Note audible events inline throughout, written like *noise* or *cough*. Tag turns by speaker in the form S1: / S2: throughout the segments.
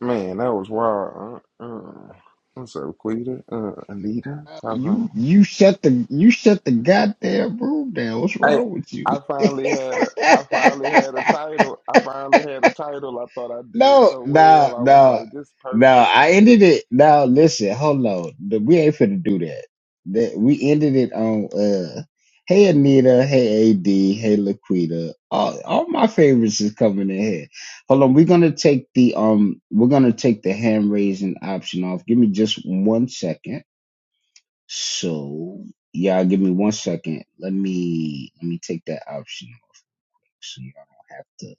S1: Man, that was wild. Uh, uh. What's up, Quita? Uh, Anita? Uh-huh.
S2: You you shut the you shut the goddamn room down. What's
S1: Hey,
S2: wrong with you?
S1: I finally had a, I finally had a
S2: *laughs*
S1: title. I finally had a title. I thought I did
S2: no,
S1: so
S2: no,
S1: well. I was
S2: no,
S1: like, this
S2: no.
S1: perfect.
S2: I ended it. No, listen, hold on. The- We ain't finna do that. That we ended it on. uh Hey Anita, hey AD, hey Laquita. All all my favorites is coming in here. Hold on, we're gonna take the um, we're gonna take the hand raising option off. Give me just one second. So y'all give me one second. Let me let me take that option away so y'all don't have to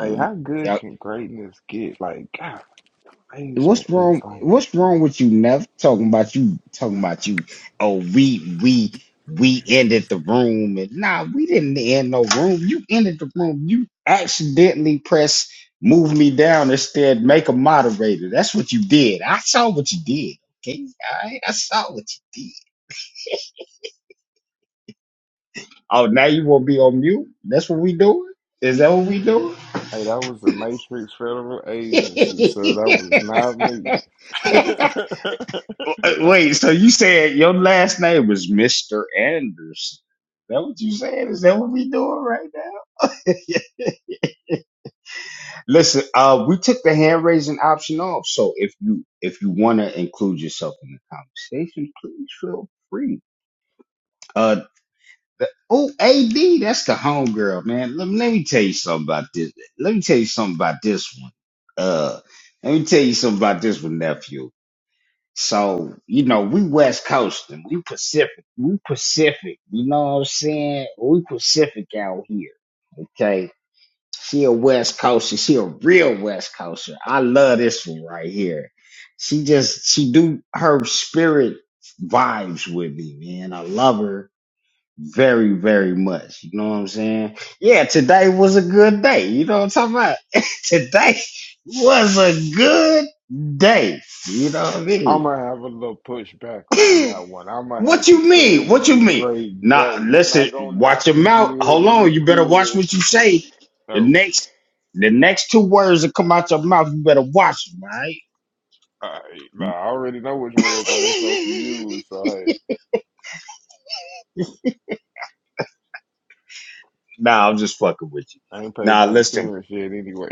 S1: Hey, how good
S2: y'all
S1: can greatness get? Like, God,
S2: what's
S1: amazement is
S2: wrong
S1: like,
S2: what's wrong with you, Neff? Talking about you talking about you oh we we we ended the room and nah we didn't end no room. You ended the room. You accidentally press move me down instead, make a moderator. That's what you did. I saw what you did. Okay, all right, I saw what you did. Oh, now you want to be on mute? That's what we doing? Is that what we doing?
S1: hey, that was the Matrix Federal Agency, so that was not me. *laughs*
S2: *laughs*
S1: That
S2: Wait, so you said your last name was Mr. Anderson. that what you said? Is that what we doing right now? *laughs* Listen, uh, we took the hand raising option off. So if you if you want to include yourself in the conversation, please feel free. Uh. The- Oh, AD, that's the homegirl, man. Let, me- let me tell you something about this. Let me tell you something about this one. Uh, let me tell you something about this one, nephew. So, you know, we West Coasting, we Pacific, we Pacific, you know what I'm saying? We Pacific out here, okay? She a West Coaster, she a real West Coaster. I love this one right here. She just, she do her spirit vibes with me, man. I love her very, very much. You know what I'm saying? Yeah, today was a good day. You know what I'm talking about? *laughs* today was a good day. You know what I
S1: I'm
S2: mean?
S1: gonna have a little pushback on
S2: *clears throat*
S1: that one. I'm
S2: *laughs*
S1: gonna
S2: what
S1: have to
S2: you
S1: say it
S2: mean? What
S1: was
S2: you
S1: a
S2: mean?
S1: great
S2: Now,
S1: day. I'm
S2: listen,
S1: not gonna
S2: watch
S1: knock
S2: your
S1: the
S2: mouth.
S1: good
S2: Hold
S1: and the
S2: on. You better watch
S1: good.
S2: what you say. The
S1: No,
S2: next, the next two words that come out your mouth, you better watch them, all right?
S1: I, nah, I already know which words I ain't supposed to
S2: *laughs*
S1: use, so hey,
S2: nah, I'm just fucking with you.
S1: I ain't paid
S2: Nah,
S1: my
S2: listen.
S1: insurance yet anyway. *laughs*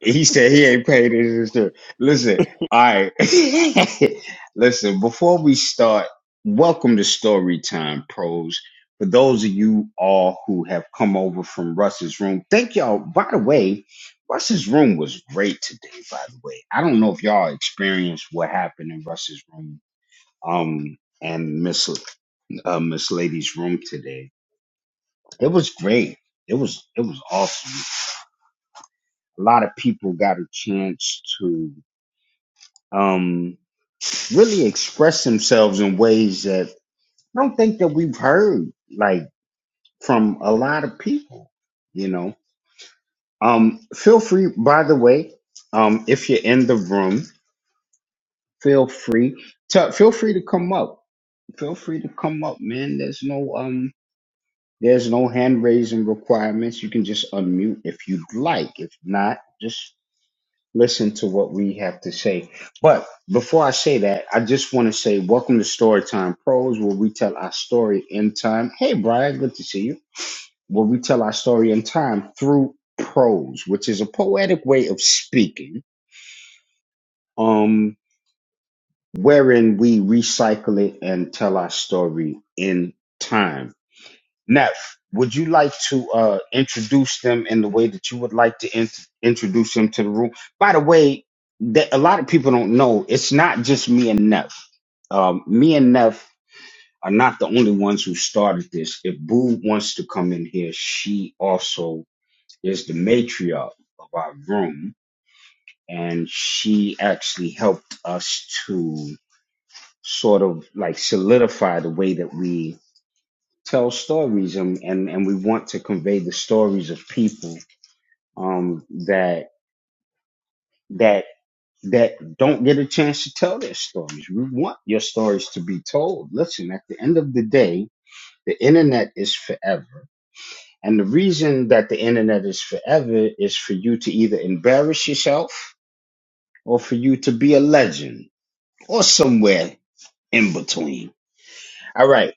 S2: He said he ain't paid his insurance. Listen, all right. *laughs* Listen, before we start, welcome to Story Time Pros. For those of you all who have come over from Russ's room, thank y'all. By the way, Russ's room was great today, by the way. I don't know if y'all experienced what happened in Russ's room um and Miss uh, Miss Lady's room today. It was great. It was it was awesome. A lot of people got a chance to um, really express themselves in ways that I don't think that we've heard like from a lot of people. You know, um, feel free. By the way, um, if you're in the room, feel free to feel free to come up. Feel free to come up, man. There's no um, there's no hand raising requirements. You can just unmute if you'd like. If not, just listen to what we have to say. But before I say that, I just want to say welcome to Storytime Pros, where we tell our story in time. Hey, Brian, good to see you. Where we tell our story in time through prose, which is a poetic way of speaking, um, wherein we recycle it and tell our story in time. Neff, would you like to uh, introduce them in the way that you would like to in- introduce them to the room? By the way, that a lot of people don't know, it's not just me and Neff. Um, me and Neff are not the only ones who started this. If Boo wants to come in here, she also is the matriarch of our room, and she actually helped us to sort of like solidify the way that we tell stories and, and, and we want to convey the stories of people um, that that that don't get a chance to tell their stories. We want your stories to be told. Listen, at the end of the day, the internet is forever. And the reason that the internet is forever is for you to either embarrass yourself or for you to be a legend or somewhere in between. All right.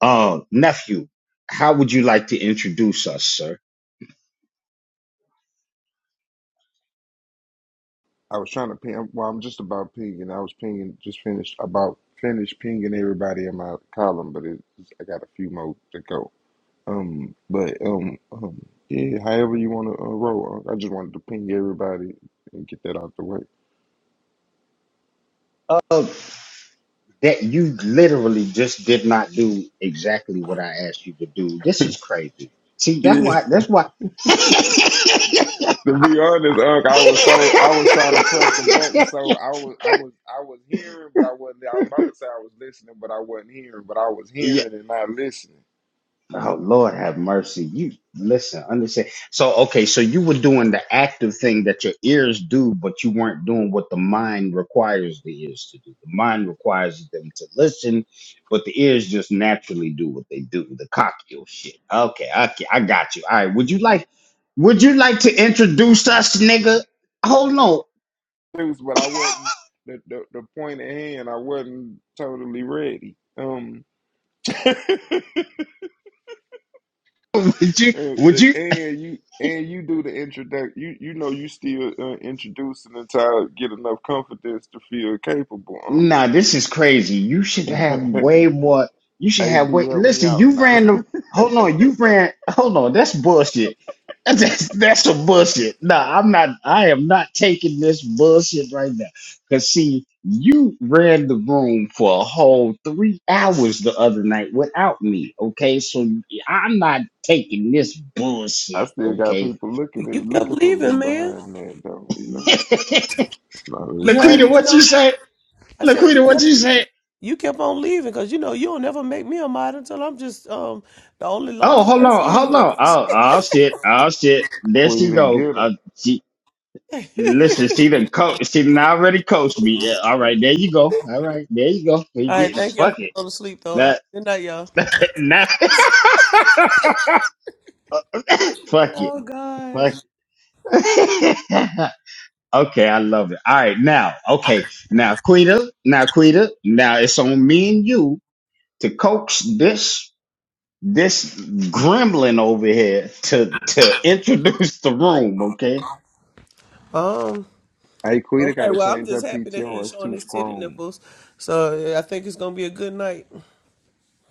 S2: Uh nephew, how would you like to introduce us, sir?
S1: I was trying to ping. Well, I'm just about pinging. I was pinging, just finished about finished pinging everybody in my column, but it, I got a few more to go. Um, but um, um, yeah. However you want to uh, roll, Unc. I just wanted to ping everybody and get that out the way.
S2: Uh, That you literally just did not do exactly what I asked you to do. This is crazy. See, that's
S1: Yeah.
S2: why.
S1: *laughs*
S2: That's why. *laughs*
S1: To be honest, Unc, I was so I was trying to press the button, so I was I was I was hearing, but I wasn't. I was about to say I was listening, but I wasn't hearing. But I was
S2: Yeah.
S1: hearing and not listening.
S2: Oh Lord have mercy. You listen, understand. So okay, so you were doing the active thing that your ears do, but you weren't doing what the mind requires the ears to do. The mind requires them to listen, but the ears just naturally do what they do, the cocky old shit. Okay, okay, I got you. All right. Would you like would you like to introduce us, nigga? Hold on.
S1: It but I wasn't the, the the point at hand. I wasn't totally ready. Um. *laughs*
S2: *laughs* Would you
S1: And
S2: would you
S1: and you and you do the introduction. You you know you still uh, introducing until I get enough confidence to feel capable.
S2: Nah, this is crazy. You should
S1: Huh?
S2: have
S1: *laughs*
S2: way more. You should
S1: Ad,
S2: have way.
S1: help me
S2: Listen,
S1: out.
S2: you
S1: Now,
S2: ran the. Hold on, you ran. Hold on, that's bullshit. *laughs* That's that's some bullshit. Nah, I'm not. I am not taking this bullshit right now. Cause see, you ran the room for a whole three hours the other night without me. Okay, so I'm not taking this
S1: *laughs* I
S2: bullshit.
S1: still got
S2: Okay,
S1: people looking at
S3: You kept
S1: looking for me
S3: leaving, man.
S1: behind that though. You know,
S2: *laughs*
S1: no, it's
S3: You heard
S1: uh,
S3: me?
S2: Laquita, what
S3: No,
S2: you say?
S3: I said you
S2: Laquita, what you
S3: kept
S2: say?
S3: you kept on leaving because you know you don't never make me a mod until I'm just um the only
S2: Oh,
S3: lone
S2: hold on,
S3: person in
S2: hold
S3: here.
S2: on. Oh, oh shit, oh shit. There she
S1: Quita
S2: go.
S1: get 'em.
S2: Uh, she
S3: *laughs*
S2: listen. She done coach. She done already coached me. Yeah, all right, there you go. All right, there you go. We
S3: All right,
S2: getting
S3: thank y'all
S2: fuck
S3: for
S2: it.
S3: going to sleep though. All
S2: Now,
S3: right, good night, y'all.
S2: *laughs* now- *laughs* fuck it.
S3: Oh gosh.
S2: Fuck. it. *laughs* okay, I love it. All right, now, okay, now, Quita, now, Quita, now it's on me and you to coax this this gremlin over here to to introduce the room, okay?
S3: Um.
S1: Hey, Quita got
S3: Okay.
S1: to
S3: Well, I'm
S1: change her
S3: just happy that he
S1: PTR.
S3: ain't
S1: It's
S3: showing
S1: too
S3: his titty
S1: strong.
S3: nipples, so yeah, I think it's gonna be a good night.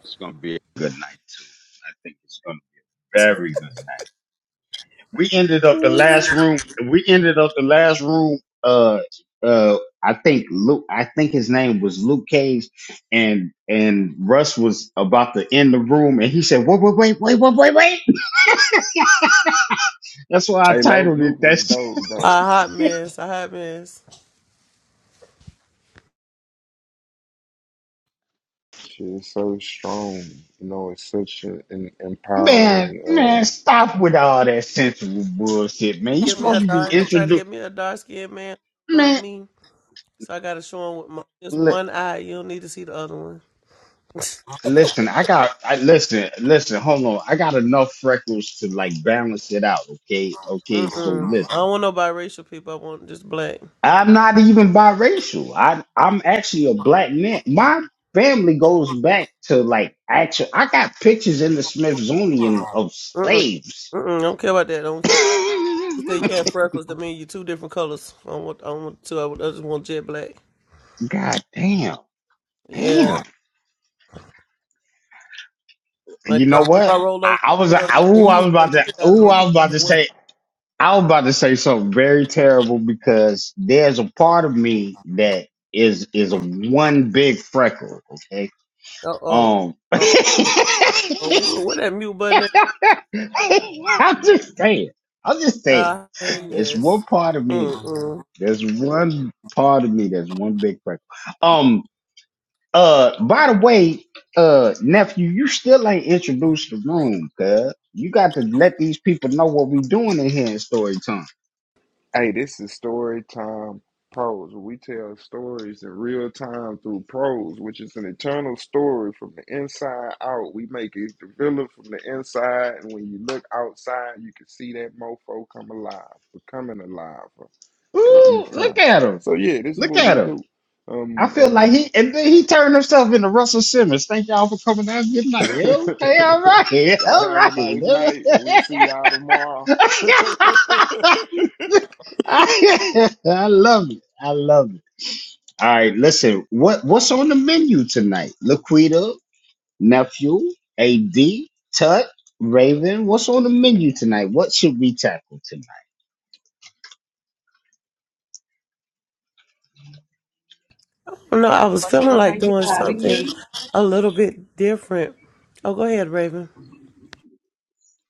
S2: It's gonna be a good night too. I think it's gonna be a very good night. We ended up the last room. We ended up the last room. Uh, uh, I think Luke. I think his name was Luke Cage, and and Russ was about to end the room, and he said, "Wait, wait, wait, wait, wait, wait, wait." That's why I
S1: Hey, Lo-
S2: titled it.
S1: Luke was
S2: That's
S1: dope
S3: A
S1: though.
S3: hot mess. A hot mess.
S1: She's so strong. You know, it's such an an
S2: *laughs* man,
S1: empowering. um,
S2: man. Stop with all that sensible bullshit, man. You
S3: Get me
S2: supposed
S3: a
S2: to be
S3: dark. I'm trying to
S2: introduced,
S3: get me a dark skinned man. Love
S2: man.
S3: me. So I gotta show him with my, just one eye. You don't need to see the other one.
S2: Listen, I got. I listen, listen. Hold on, I got enough freckles to like balance it out. Okay, okay. So
S3: Mm-mm. I
S2: listen,
S3: don't want no biracial people. I want just black.
S2: I'm not even biracial. I I'm actually a black man. My family goes back to like actual. I got pictures in the Smithsonian of
S3: Mm-mm.
S2: slaves.
S3: Mm-mm. I don't care about that. I don't
S2: *laughs*
S3: care. You said you had freckles. That mean you two different colors. I don't want. I don't want two. I, would, I just want jet black.
S2: God damn, damn.
S3: Yeah. Like
S2: You
S3: if
S2: know
S3: I, if
S2: what?
S3: I roll
S2: I,
S3: over,
S2: I was.
S3: you
S2: I,
S3: know, the night,
S2: ooh, I
S3: you'll
S2: was
S3: scare
S2: about
S3: the
S2: to.
S3: shit out of
S2: Ooh, I
S3: me.
S2: was about to
S3: What,
S2: say. I was about to say something very terrible because there's a part of me that is is one big freckle. Okay,
S3: oh,
S2: um, *laughs* I'm
S3: oh, oh, oh. Where that mute button at?
S2: just saying. I'm just saying.
S3: Ah, hang
S2: There's
S3: this.
S2: one part of me.
S3: Mm-mm.
S2: There's one part of me that's one big freckle. Um. Uh. By the way, uh, nephew, you still ain't introduced the room, cuz. You got to let these people know what we doing in here in story time.
S1: Hey, this is story time prose. where We tell stories in real time through prose, which is an eternal story from the inside out. We make it develop from the inside, and when you look outside, you can see that mofo come alive, becoming alive uh,
S2: Ooh,
S1: each
S2: look
S1: time.
S2: at him.
S1: So yeah, this is
S2: Look
S1: what
S2: at
S1: we
S2: him.
S1: do.
S2: I
S1: Um,
S2: feel like he and then he turned himself into Russell Simmons. Thank y'all for coming out. Good
S1: um,
S2: night. Okay, all right. *laughs*
S1: *laughs* y'all
S2: All
S1: have a
S2: right.
S1: nice night, and we'll see y'all tomorrow.
S2: *laughs* *laughs* I love it. I love it. All right, listen. What what's on the menu tonight? Laquita, nephew, AD, Tut, Raven. What's on the menu tonight? What should we tackle tonight?
S3: Well, No, I was
S4: First of
S3: feeling
S4: all,
S3: like
S4: thank you
S3: doing
S4: for having
S3: something
S4: me.
S3: a little bit different. Oh, go ahead, Raven.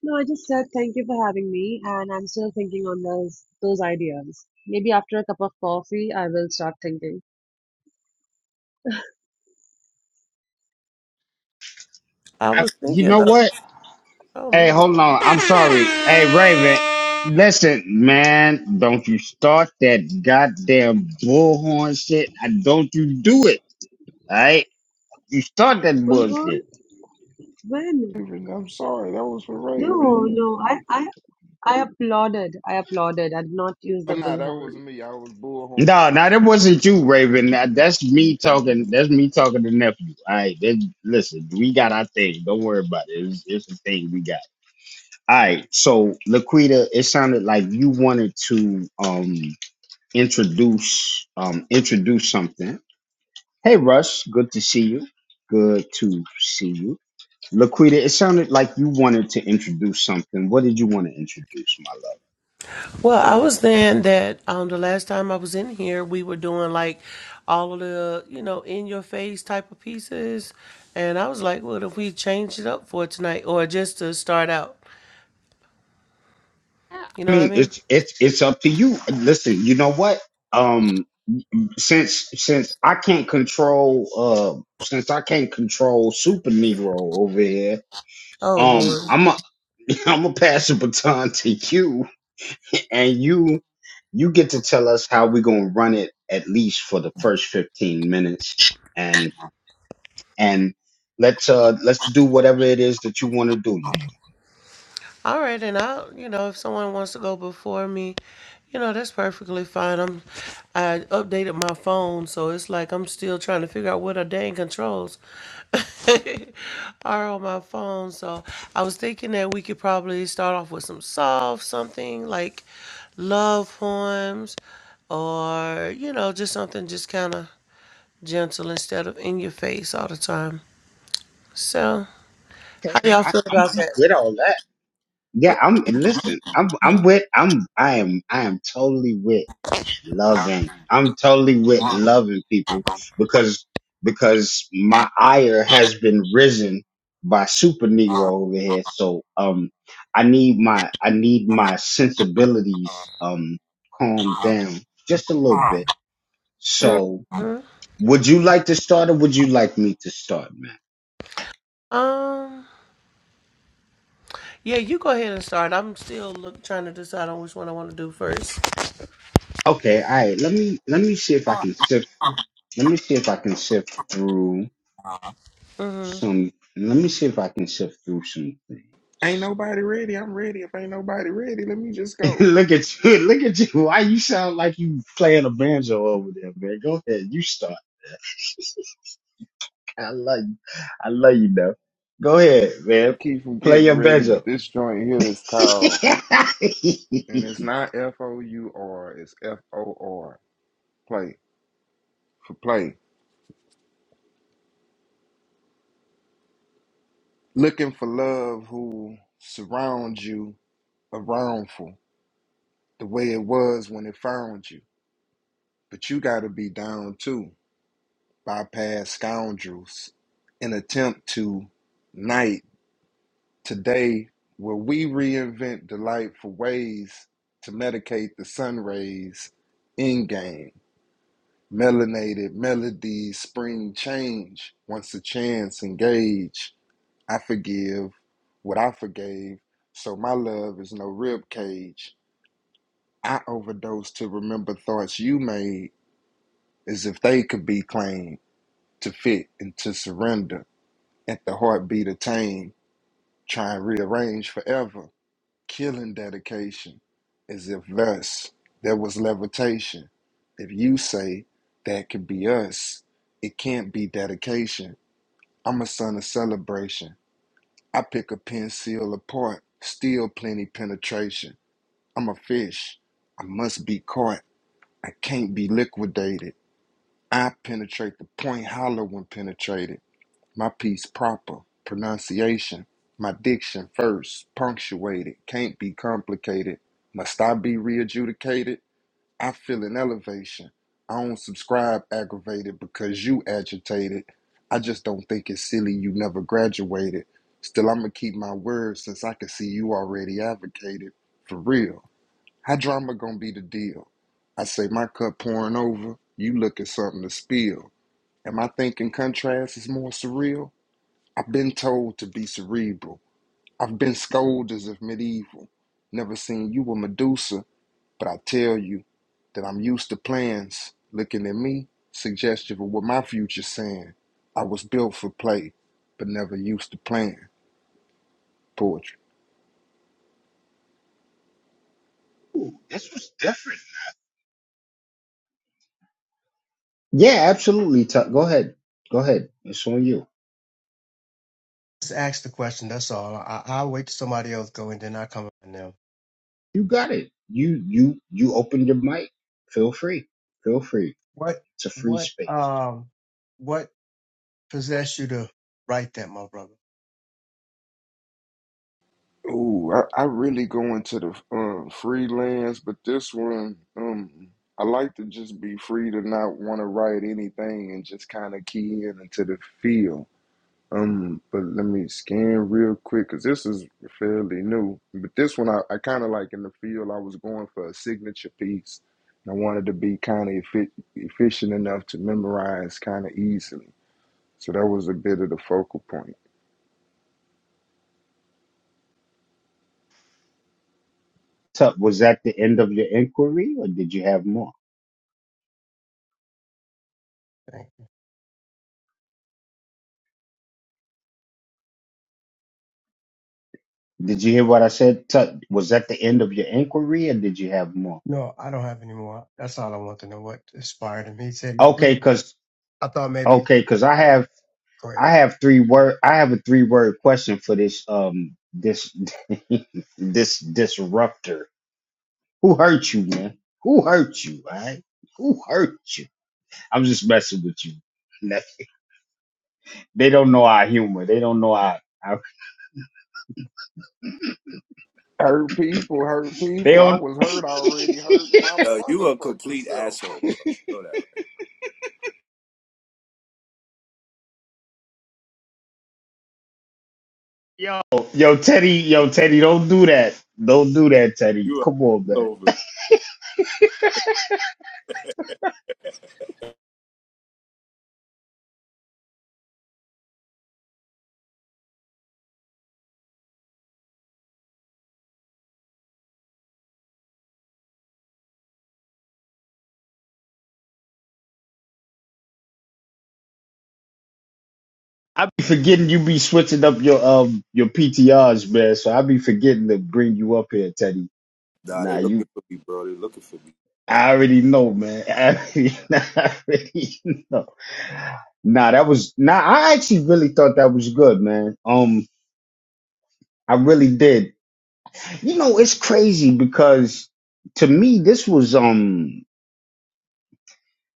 S4: No, I just said thank you for having me, and I'm still thinking on those those ideas. Maybe after a cup of coffee, I will start thinking.
S3: I
S2: I,
S3: was
S2: you
S3: thinking
S2: know
S3: of.
S2: what?
S3: Oh
S2: Hey,
S3: my God.
S2: hold on. I'm sorry. Hey, Raven,
S1: *laughs*
S2: listen, man. Don't you start that goddamn bullhorn shit. I don't you do it. All right? You start that
S4: Bullhorn?
S2: bullshit.
S4: When?
S1: Raven. I'm sorry, that was for Raven.
S4: No,
S1: You,
S4: no. I, I, I applauded. I applauded. I did not use
S1: oh,
S4: the
S1: nah, that
S4: bullhorn.
S1: wasn't me. I was bullhorn.
S2: No, no, that wasn't you, Raven. That- That's me talking. That's me talking to nephew. All right, that- listen, we got our thing. Don't worry about it. It's, it's the thing we got. All right, so Laquita, it sounded like you wanted to um introduce um introduce something. Hey Russ. good to see you. Good to see you. Laquita, it sounded like you wanted to introduce something. What did you want to introduce, my love?
S3: Well, I was saying that um, the last time I was in here, we were doing like all of the, you know, in your face type of pieces. And I was like, what if we change it up for tonight or just to start out? You
S2: I
S3: know what I
S2: mean,
S3: mean?
S2: it's it's it's up to you. Listen, you know what? Um since since I can't control uh since I can't control Super Negro over here,
S3: Oh,
S2: um
S3: Lord.
S2: I'm a *laughs* I'm gonna pass the baton to you and you you get to tell us how we're gonna run it at least for the first 15 minutes and and let's uh let's do whatever it is that you want to do. Look,
S3: All right, and I'll, you know, if someone wants to go before me, you know, that's perfectly fine. I'm, I updated my phone, so it's like I'm still trying to figure out what a dang controls *laughs* are on my phone. So I was thinking that we could probably start off with some soft something like love poems, or you know, just something just kind of gentle instead of in your face all the time. So, how
S2: okay,
S3: y'all
S2: I,
S3: feel
S2: I'm
S3: about
S2: I'm
S3: that?
S2: with all that. Yeah, I'm listen. I'm I'm with I'm I am I am totally with loving. I'm totally with
S3: What?
S2: loving people because because my ire has been risen by super negro over here. So um, I need my I need my sensibilities um calmed
S3: Mhm.
S2: down just a little bit. So Would you like to start, or would you like me to start, man?
S3: Um. Yeah, you go ahead and start. I'm still look, trying to decide on which one I want to do first.
S2: Okay, all right. Let me let me see if I can sift. Let me see if I can sift through
S3: Mm-hmm.
S2: some. Let me see if I can sift through some
S1: Ain't
S2: things.
S1: nobody ready. I'm ready. If ain't nobody ready, let me just
S2: *laughs*
S1: go.
S2: look at you! *laughs* Look at you! Why you sound like you playing a banjo over there, man? Go ahead, you start. *laughs* I love you. I love you, though. Go ahead, man.
S1: Keep from
S2: Play
S1: getting
S2: your
S1: ready,
S2: banjo.
S1: but this joint here is called,
S2: *laughs*
S1: and it's not F O U R. It's F O R. Play for play. Looking for love who surrounds you around for the way it was when it found you, but you got to be down too. Bypass scoundrels, an attempt to night. today where we reinvent delightful ways to medicate the sun rays in game melanated melodies spring change once a chance engage i forgive what i forgave so my love is no rib cage i overdose to remember thoughts you made as if they could be claimed to fit and to surrender at the heartbeat of tame try and rearrange forever killing dedication as if thus there was levitation. If you say that could be us, it can't be dedication. I'm a son of celebration. I pick a pen seal apart, still plenty penetration. I'm a fish. I must be caught. I can't be liquidated. I penetrate the point hollow when penetrated my piece proper, pronunciation, my diction first, punctuated, can't be complicated. Must I be re adjudicated? I feel an elevation. I don't subscribe aggravated because you agitated. I just don't think it's silly you never graduated. Still, I'ma keep my word since I can see you already advocated. For real. How drama gonna be the deal? I say my cup pouring over, you looking something to spill. Am I thinking contrast is more surreal? I've been told to be cerebral. I've been scolded as if medieval. Never seen you a Medusa, but I tell you that I'm used to plans. Looking at me, suggestive of what my future's saying. I was built for play, but never used to plan poetry.
S2: Ooh, this was different. Yeah, absolutely. Tuck. Go ahead. Go ahead. It's on you.
S5: Just ask the question. That's all. I, I'll wait till somebody else go and then I come on them.
S2: You got it. You you you opened your mic. Feel free. Feel free.
S5: What
S2: It's a free
S5: what
S2: space.
S5: um what possessed you to write that, my brother?
S1: Ooh, I, I really go into the um, freelance, but this one, um, I like to just be free to not want to write anything and just kind of key in into the field. Um, but let me scan real quick because this is fairly new. But this one, I, I kind of like in the field, I was going for a signature piece. And I wanted to be kind of effi efficient enough to memorize kind of easily. So that was a bit of the focal point.
S2: Tut, was that the end of your inquiry or did you have more?
S5: Thank
S2: Did you hear what I said? Tut, was that the end of your inquiry or did you have more?
S5: you. No, I don't have any more. That's all I want to know. What inspired him? He said he's free.
S2: Okay, cause
S5: I thought maybe.
S2: okay, cause I have
S5: Go ahead.
S2: I have three word I have a three word question for this um this *laughs* this disruptor. Who hurt you, man? Who hurt you, all right? Who hurt you? I'm just messing with you. *laughs* They don't know our humor. They don't know our, our
S1: Hurt people, hurt
S2: they
S1: people. I
S2: don't
S1: was hurt already, hurt my
S6: Yo, you a complete asshole,
S1: motherfucking
S6: bro.
S1: self.
S6: You know that, right?
S2: yo yo Teddy yo Teddy don't do that. Don't do that, Teddy.
S6: You are
S2: Come on, man.
S6: over.
S2: I be forgetting you be switching up your um your PTRs, man. So I be forgetting to bring you up here, Teddy.
S6: Nah, they
S2: Nah, you
S6: looking for me, bro. They looking for me.
S2: I already know, man. *laughs* I already, I already know. Nah, that was nah. I actually really thought that was good, man. Um, I really did. You know, it's crazy because to me this was um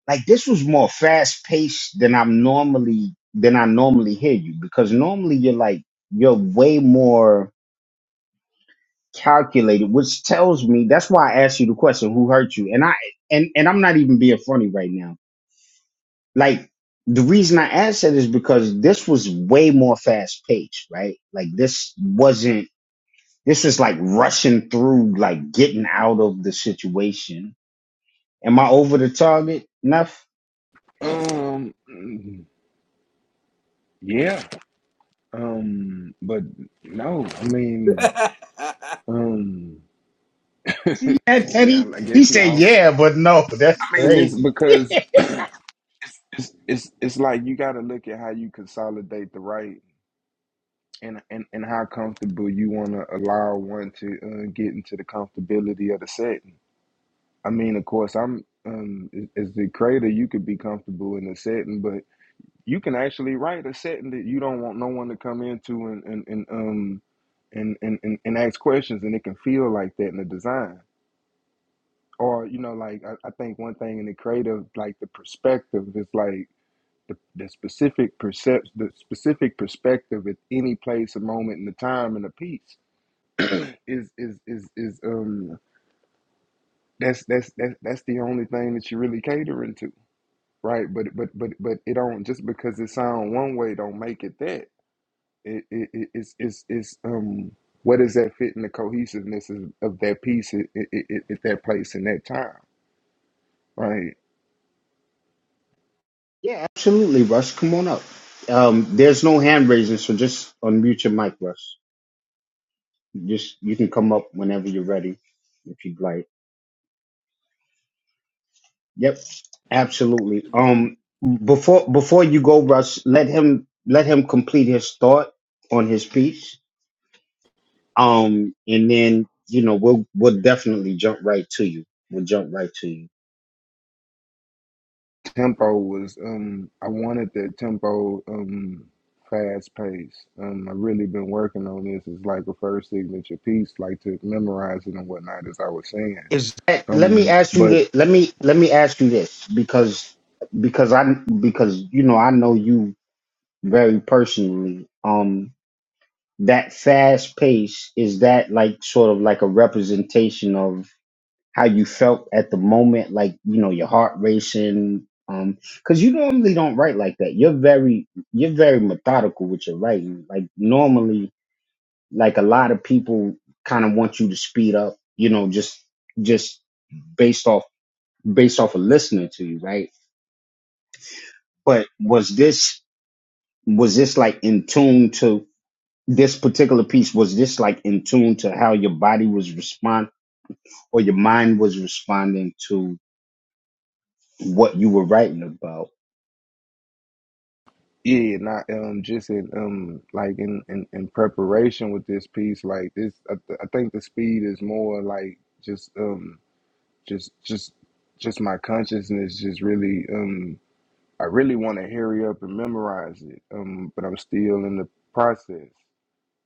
S2: like this was more fast paced than I'm normally than I normally hear you because normally you're like you're way more calculated, which tells me that's why I asked you the question, who hurt you? And I and and I'm not even being funny right now. Like the reason I asked that is because this was way more fast paced, right? Like this wasn't this was like rushing through, like getting out of the situation. Am I over the target? Enough?
S1: *laughs* um, yeah. Um, but no, I
S6: *laughs*
S1: mean, um, *laughs*
S2: see that,
S1: yeah,
S2: Teddy?
S1: I
S2: He
S1: guess you
S2: said,
S1: all.
S2: yeah, but no, *laughs* that's
S1: I mean this
S2: crazy.
S1: because it's it's it's, it's like you got to look at how you consolidate the right and and, and how comfortable you want to allow one to uh, get into the comfortability of the setting. I mean, of course, I'm um as as the creator, you could be comfortable in the setting, but you can actually write a setting that you don't want no one to come into and and, and um and, and and and ask questions, and it can feel like that in the design. Or you know, like I, I think one thing in the creative, like the perspective is like the, the specific percep the specific perspective at any place a moment in the time and a piece *clears throat* is is is is um that's that's that's that's the only thing that you're really catering to right but but but but it don't just because it sound one way don't make it that it, it, it it's it's it's um what does that fit in the cohesiveness of, of that piece at, at, at at that place in that time right
S2: Yeah, absolutely, Russ. Come on up. Um, there's no hand raising, so just unmute your mic, Russ. Just you can come up whenever you're ready, if you'd like. Yep, absolutely. Um, before before you go, Russ, let him let him complete his thought on his piece. Um, and then you know we'll we'll definitely jump right to you. We'll jump right to you.
S1: tempo was um I wanted that tempo um fast pace. Um I really been working on this as like a first signature piece, like to memorize it and whatnot as I was saying.
S2: is that let me
S1: Um
S2: ask you
S1: but
S2: that let me let me ask you this because because i because you know i know you very personally um that fast pace is that like sort of like a representation of how you felt at the moment like you know your heart racing um because you normally don't write like that you're very you're very methodical with your writing like normally like a lot of people kind of want you to speed up you know just just based off based off of listening to you, right? But was this was this like in tune to this particular piece? Was this like in tune to how your body was responding or your mind was responding to what you were writing about?
S1: yeah, not um just in um like in, in, in preparation with this piece, like this I, th- I think the speed is more like just um just just just my consciousness just really um I really want to hurry up and memorize it. Um but I'm still in the process.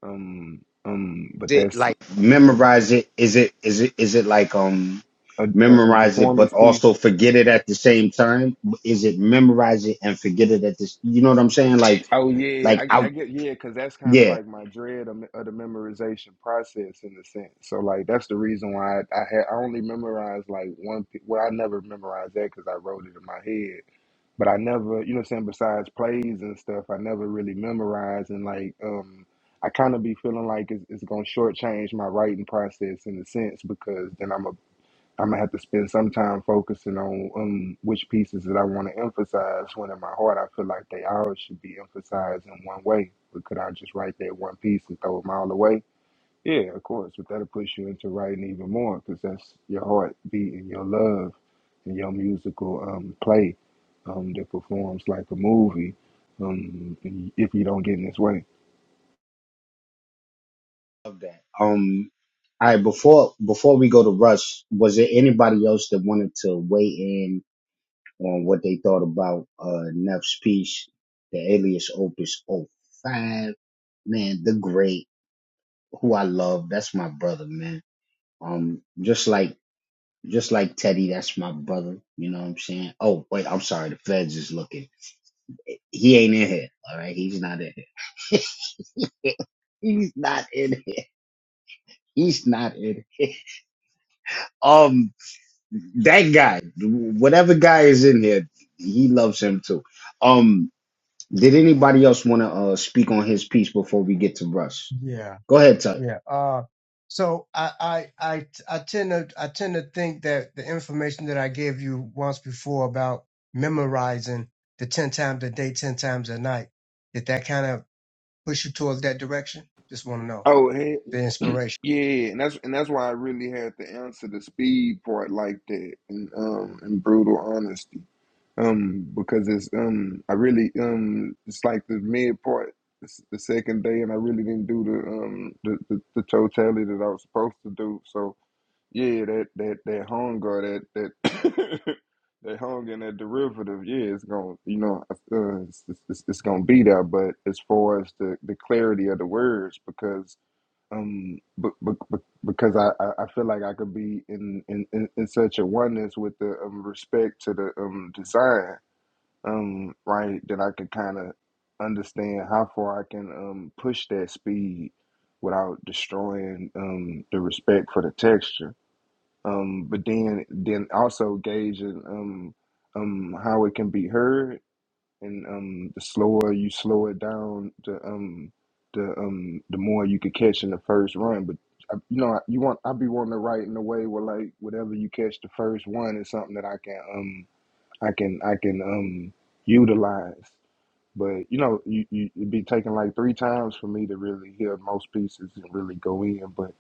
S1: Um, um, but
S2: Did it
S1: that's
S2: like memorize it? Is it is it is it like um
S1: a, a, a
S2: memorize it but
S1: performance piece.
S2: also forget it at the same time? Is it memorize it and forget it at this? You know what I'm saying? Like
S1: Oh yeah,
S2: like
S1: I, I
S2: I
S1: get yeah, because that's kind of
S2: yeah
S1: like my dread of, of the memorization process in a sense. So like that's the reason why I, I had I only memorized like one. p- Well, I never memorized that because I wrote it in my head. But I never, you know, what I'm saying besides plays and stuff, I never really memorized and like um, I kind of be feeling like it's, it's gonna shortchange my writing process in a sense because then I'm going I'm gonna have to spend some time focusing on um, which pieces that I want to emphasize. When in my heart, I feel like they all should be emphasized in one way. But could I just write that one piece and throw them all away? Yeah, of course. But that'll push you into writing even more because that's your heartbeat and your love and your musical um, play um, that performs like a movie. Um, if you don't get in this way.
S2: Love that. Um, all right. Before before we go to Rush, was there anybody else that wanted to weigh in on what they thought about uh Neff's piece, the Alias Opus 05? Man, the great, who I love. That's my brother, man. Um, just like just like Teddy, that's my brother. You know what I'm saying? Oh wait, I'm sorry. The Feds is looking. He ain't in here. All right, he's not in here. *laughs* He's not in here. He's not in here. Um. that guy, whatever guy is in there, he loves him too. Um, did anybody else want to uh, speak on his piece before we get to Russ?
S5: Yeah,
S2: Go ahead, Tuck.
S5: yeah. Uh, so I, I I I tend to I tend to think that the information that I gave you once before about memorizing the ten times a day, ten times a night, that that kind of push you towards that direction? Just want to know
S1: Oh, hey,
S5: the
S1: *clears throat*
S5: inspiration.
S1: yeah, and that's and that's why I really had to answer the speed part like that, and um, and brutal honesty, um, because it's um, I really um, it's like the mid part, it's the second day, and I really didn't do the um, the, the, the totality that I was supposed to do. So yeah, that that that hunger, that that *coughs* that hunger and that derivative, yeah, it's gonna, you know, uh, it's, it's it's it's gonna be there. But as far as the the clarity of the words, because um but, but, because I, I I feel like I could be in, in, in, in such a oneness with the um, respect to the um design um right that I could kind of understand how far I can um push that speed without destroying um the respect for the texture um but then then also gauging um um how it can be heard and um the slower you slow it down the um the um the more you could catch in the first run but I, you know you want i be wanting to write in a way where like whatever you catch the first one is something that i can um i can i can um utilize but you know, you, you it'd be taking like three times for me to really hear most pieces and really go in. But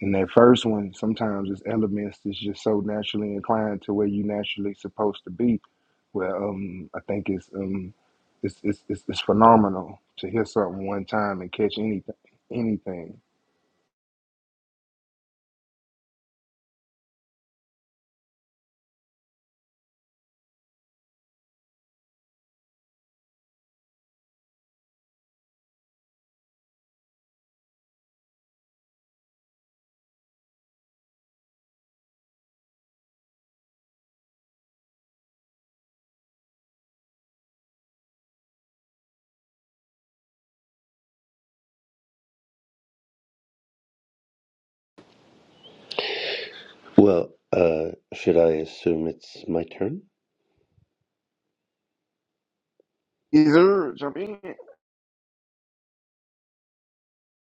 S1: in that first one, sometimes it's elements that's just so naturally inclined to where you naturally supposed to be. Where um, I think it's um, it's it's it's, it's phenomenal to hear something one time and catch anything anything.
S7: Well, uh, should I assume it's my turn?
S1: Either jump in.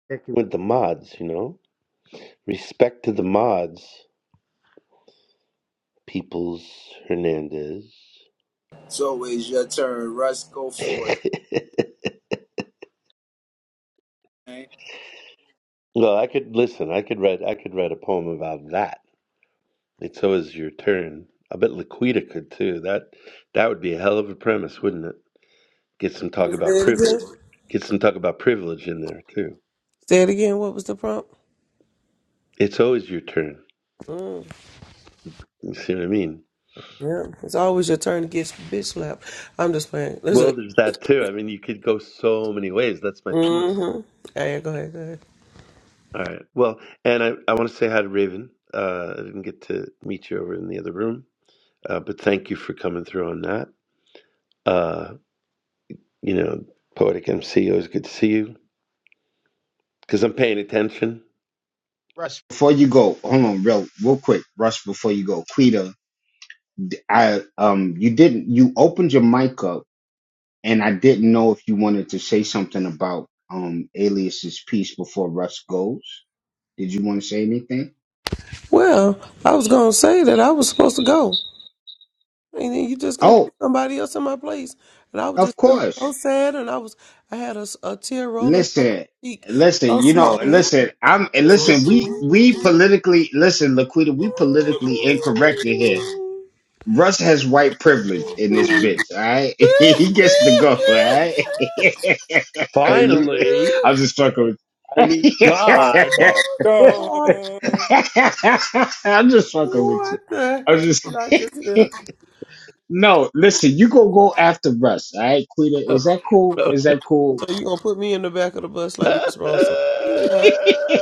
S7: Thank you. With the mods, you know? Respect to the mods, Peoples Hernandez.
S6: it's always your turn, Russ. Go
S7: *laughs*
S6: for it. man.
S7: well, I could listen, I could write I could write a poem about that. It's always your turn. I bet Laquita could too. That that would be a hell of a premise, wouldn't it? Get some talk
S3: Say
S7: about
S3: it
S7: privilege.
S3: again.
S7: Get some talk about privilege in there too.
S3: Say it again. What was the prompt?
S7: It's always your turn.
S3: Mm.
S7: You see what I mean?
S3: Yeah, it's always your turn to get bitch slapped. I'm just playing. Listen.
S7: Well, there's that too. I mean, you could go so many ways. That's my point.
S3: Mm-hmm. Hey, go ahead. Go ahead.
S7: All right. Well, and I, I want to say hi to Raven. Uh, I didn't get to meet you over in the other room, uh, but thank you for coming through on that. Uh, you know, Poetic MC, always good to see you because I'm paying attention.
S2: Russ, before you go, hold on, real, real quick, Russ, before you go, Quita, d- I um, you didn't, you opened your mic up, and I didn't know if you wanted to say something about um Alias's piece before Russ goes. Did you want to say anything?
S3: Well, I was gonna say that I was supposed to go, and then you just gonna
S2: Oh,
S3: put somebody else in my place, and I was
S2: of
S3: just feeling
S2: course.
S3: so sad, and I was, I had a, s- a tear rolling
S2: Listen,
S3: Speak
S2: listen,
S3: so
S2: you know,
S3: slowly.
S2: listen, I'm and
S3: what
S2: listen, we we politically listen, Laquita, we politically incorrect in here. Russ has white privilege in this bitch, all right? *laughs* he gets to go, all right? *laughs*
S1: Hey you.
S7: Finally,
S2: I'm just fucking
S7: I
S2: with
S7: mean,
S2: you.
S6: Dun,
S7: God.
S6: dun, dun.
S2: *laughs* I'm just fucking with you.
S3: the heck
S2: I'm just
S3: did I just hear?
S2: *laughs* No, listen, you gonna go after Russ, all right, Quita?
S7: *laughs*
S2: Is that cool? Is that cool?
S3: So you gonna put me in the back of the bus like Miss Rosa? You know,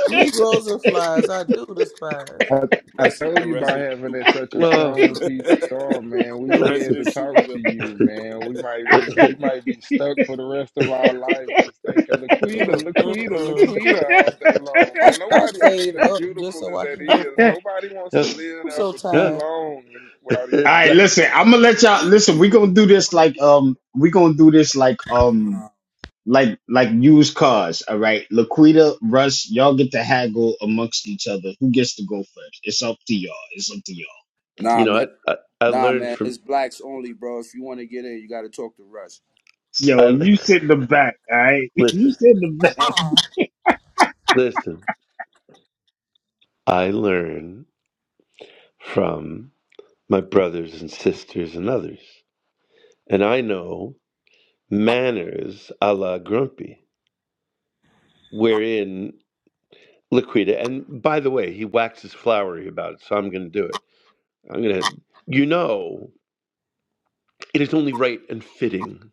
S3: Negroes and flies, I do despise.
S1: I, I
S6: Russ is
S1: told
S6: the
S1: you about
S6: resident
S1: having
S6: super,
S1: that such a
S7: oh,
S6: *laughs*
S1: strong
S6: the
S1: PTR, man. We scared
S6: resident
S1: to talk
S6: supervillain.
S1: to you, man. We
S6: *laughs*
S1: might be we
S7: *laughs*
S1: might be stuck for the rest of our life just thinking Laquita,
S3: Mm, mm,
S1: Laquita,
S3: mm.
S1: Laquita all day long,
S3: I
S1: man.
S3: I
S1: Nobody, I
S3: stayed
S1: mean, as
S3: up just
S1: beautiful
S3: so
S1: as
S3: I
S1: that
S3: can do it
S2: *laughs*
S1: is,
S3: for 'em.
S1: nobody wants to live
S3: I'm
S1: there
S3: so
S1: for too
S3: tired.
S1: long in- without
S2: All
S7: It's
S2: right,
S7: like,
S1: eternity. so.
S2: listen, I'm gonna let y'all listen. We're gonna do this like um we're gonna do this like um like like used cars, all right. Laquita, Russ, y'all get to haggle amongst each other. Who gets to go first? It's up to y'all. It's up to y'all.
S7: you
S6: Nah,
S7: know,
S6: man.
S7: I, I, I
S6: Nah,
S7: learned
S6: man.
S7: from,
S6: It's blacks only, bro. If you want to get in, you got to talk to Russ.
S2: Yo,
S7: I
S2: you sit in the back, all right?
S7: *laughs*
S2: *laughs* You
S7: listen,
S2: sit in the back,
S7: listen, I learn from. my brothers and sisters and others. And I know manners a la grumpy, wherein Liquida, and by the way, he waxes flowery about it, so I'm going to do it. I'm going to, you know, it is only right and fitting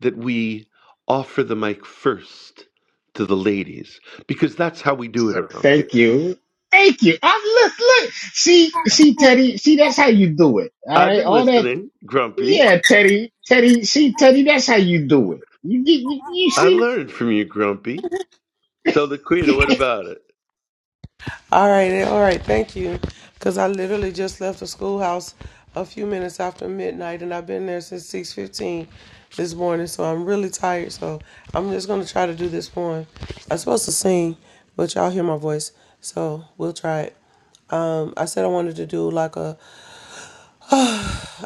S7: that we offer the mic first to the ladies, because that's how we do it
S2: sir.
S7: around here.
S2: Thank you. Thank you. I'm look look. See, see, Teddy, see that's how you do it. All
S7: I've
S2: right.
S7: been
S2: All that
S7: listening, Grumpy.
S2: yeah, Teddy, Teddy, see, Teddy, that's how you do it. You you, you you
S7: I
S2: see?
S7: learned from you, Grumpy. So, Liquida,
S2: *laughs*
S7: what about it?
S3: All right, eh, all right. Thank you. Because I literally just left the schoolhouse a few minutes after midnight, and I've been there since six fifteen this morning. So I'm really tired. So I'm just gonna try to do this poem. I'm supposed to sing, but y'all hear my voice, so we'll try it. Um, I said I wanted to do like a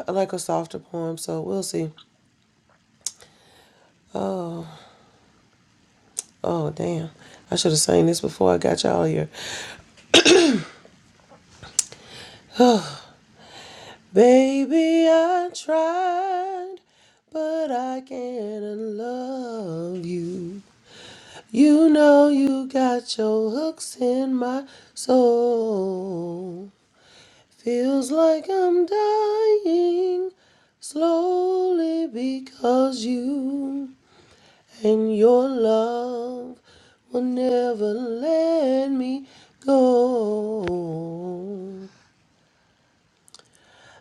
S3: like a softer poem, so we'll see. Oh, oh, damn! I should have sang this before I got y'all here. Baby, I tried, but I can't love you. You know you got your hooks in my soul. Feels like I'm dying slowly because you and your love will never let me go.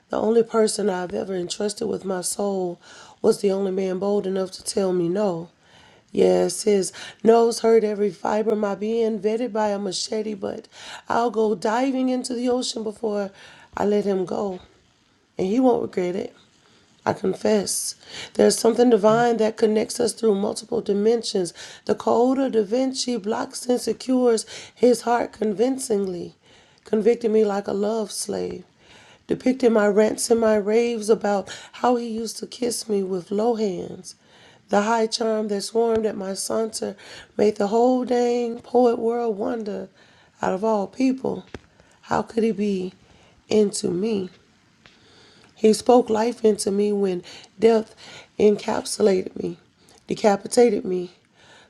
S3: The only person I've ever entrusted with my soul was the only man bold enough to tell me no. Yes, his nose hurt every fiber of my being, vetted by a machete, but I'll go diving into the ocean before I let him go, and he won't regret it. I confess. There's something divine that connects us through multiple dimensions. The code of Da Vinci blocks and secures his heart convincingly, convicting me like a love slave. Depicting my rants and my raves about how he used to kiss me with low hands. The high charm that swarmed at my saunter made the whole dang poet world wonder out of all people, how could he be into me? He spoke life into me when death encapsulated me, decapitated me,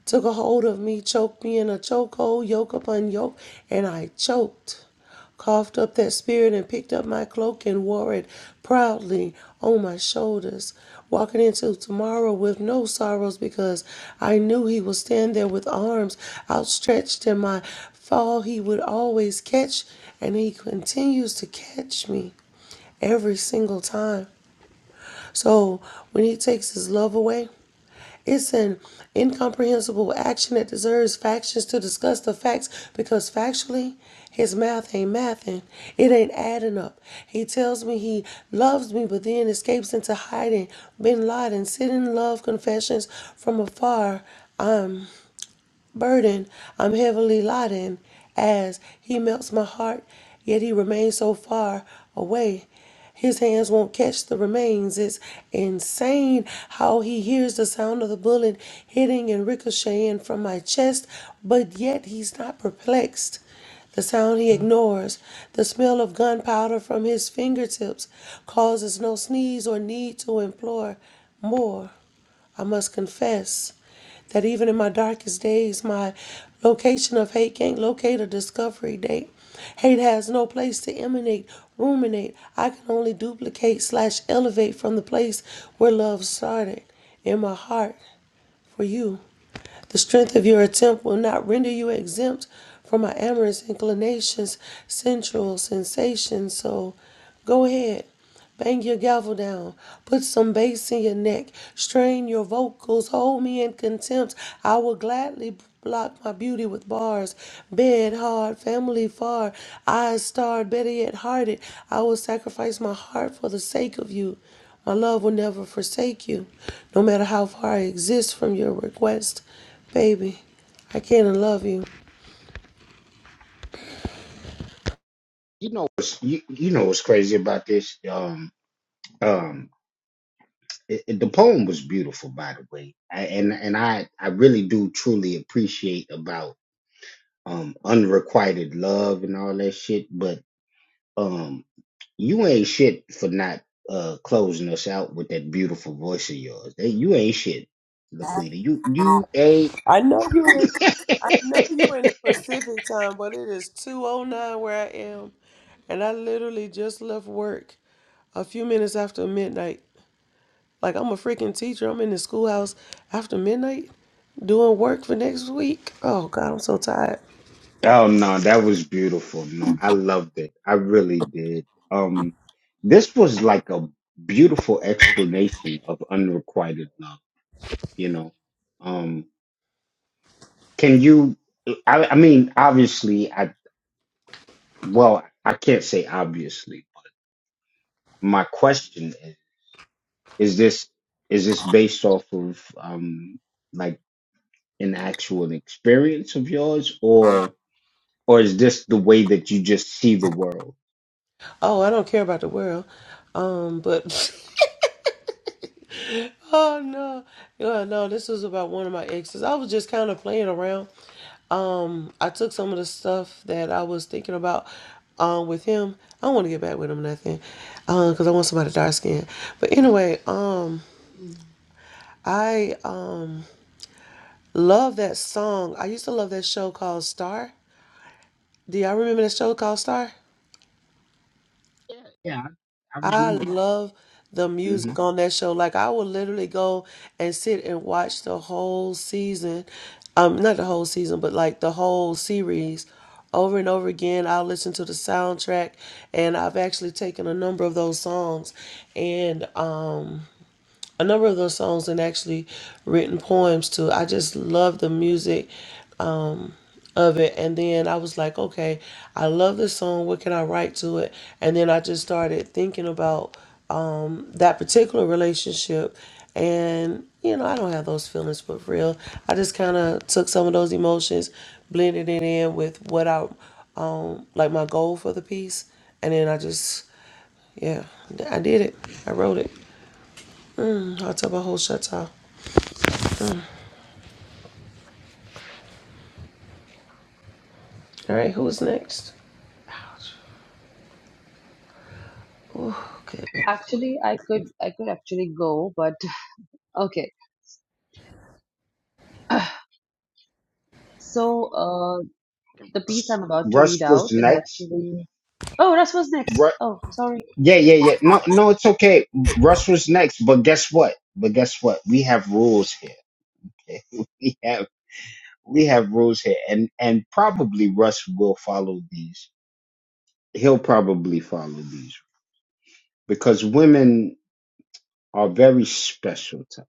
S3: took a hold of me, choked me in a chokehold, yoke upon yoke, and I choked. Coughed up that spirit and picked up my cloak and wore it proudly on my shoulders, walking into tomorrow with no sorrows because I knew he would stand there with arms outstretched and my fall. He would always catch, and he continues to catch me every single time. So when he takes his love away, it's an incomprehensible action that deserves factions to discuss the facts because factually, his math ain't mathing. It ain't adding up. He tells me he loves me, but then escapes into hiding. Bin Laden, sitting love confessions from afar burden I'm heavily laden as he melts my heart, yet he remains so far away. His hands won't catch the remains. It's insane how he hears the sound of the bullet hitting and ricocheting from my chest, but yet he's not perplexed. The sound he ignores, the smell of gunpowder from his fingertips, causes no sneeze or need to implore more. I must confess that even in my darkest days, my location of hate can't locate a discovery date. Hate has no place to emanate, ruminate. I can only duplicate slash elevate from the place where love started in my heart for you. The strength of your attempt will not render you exempt from my amorous inclinations, sensual sensations. So go ahead, bang your gavel down, put some bass in your neck, strain your vocals, hold me in contempt. I will gladly block my beauty with bars. Bed hard, family far, eyes starred, better yet hearted. I will sacrifice my heart for the sake of you. My love will never forsake you, no matter how far I exist from your request. Baby, I can't love you.
S2: You know, what's, you, you know what's crazy about this? Um, um, it, it- the poem was beautiful, by the way, I, and and I I really do truly appreciate about um unrequited love and all that shit. But um, you ain't shit for not uh closing us out with that beautiful voice of yours. Hey, you ain't shit, Laquita. You you ain't.
S3: I know you in, know you in
S2: *laughs*
S3: the Pacific time, but it is 209 where I am. And I literally just left work a few minutes after midnight. Like I'm a freaking teacher. I'm in the schoolhouse after midnight doing work for next week. Oh God, I'm so tired.
S2: Oh no, that was beautiful. No, I loved it. I really did. Um, this was like a beautiful explanation of unrequited love, you know. Um, can you, I, I mean, obviously, I, well, I can't say obviously. My question is, is this, is this based off of, um, like an actual experience of yours or, or is this the way that you just see the world?
S3: Oh, I don't care about the world. Um, but *laughs* Oh no, yeah no! This was about one of my exes. I was just kind of playing around. Um, I took some of the stuff that I was thinking about um, with him. I don't want to get back with him, or nothing, Um, because I want somebody dark skinned. But anyway, um, I um love that song. I used to love that show called Star. Do y'all remember that show called Star?
S2: Yeah, yeah, I, I
S3: I
S2: remember
S3: love the
S2: that.
S3: music on that show. Like I would literally go and sit and watch the whole season. Um, not the whole season, but like the whole series over and over again. I'll listen to the soundtrack and I've actually taken a number of those songs and um a number of those songs and actually written poems to. I just love the music of it. And then I was like, okay, I love this song. What can I write to it? And then I just started thinking about that particular relationship and you know i don't have those feelings for real i just kind of took some of those emotions blended it in with what i like my goal for the piece and then i just yeah i did it i wrote it i'll tell my whole shut off. all right who's next oh goodness
S4: Actually, I could, I could actually go, but *sighs* okay. *clears throat* *sighs* So, uh, the piece I'm about to read
S2: Russ was
S4: out is
S2: next.
S4: actually. Oh, Russ was
S2: Ru-
S4: next. Oh, sorry.
S2: yeah, yeah, yeah. No, no, it's okay. Russ was next, but guess what? But guess what? We have rules here. okay? *laughs* we have we have rules here, and and probably Russ will follow these. He'll probably follow these because women are very special. To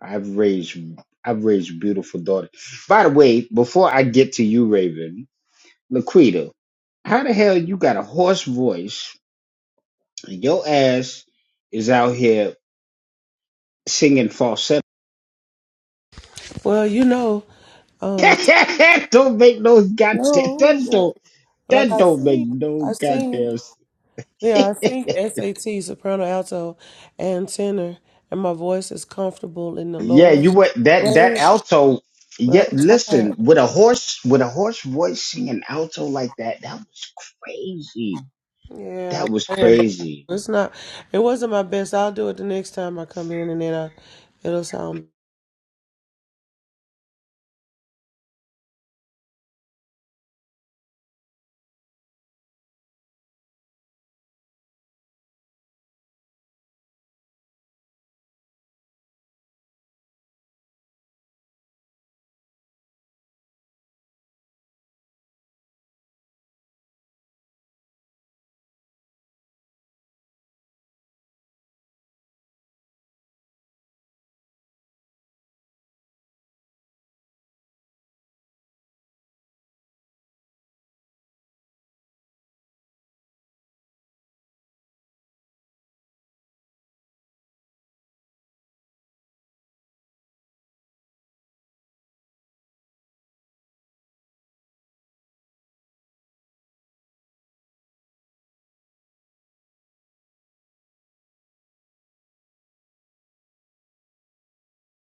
S2: I've raised I've raised beautiful daughters. By the way, before I get to you, Raven, Laquita, how the hell you got a hoarse voice Your ass is out here singing falsetto. *laughs*
S3: well you know um
S2: That don't make no goddamn that
S3: no
S2: don't
S3: but like
S2: that
S3: i
S2: don't make
S3: sing
S2: no
S3: i sing
S2: goddamn. s-
S3: Yeah, I
S2: *laughs*
S3: sing SAT, soprano, alto, and tenor, and my voice is comfortable in the
S2: yeah,
S3: lower
S2: you went that that
S3: range,
S2: alto.
S3: but
S2: Yeah,
S3: I'm tired.
S2: listen with a horse with a horse voice singing alto like that. That was crazy.
S3: Yeah,
S2: That was
S3: I'm laying down.
S2: crazy.
S3: It's not. It wasn't my best. I'll do it the next time I come in, and then I, it'll sound.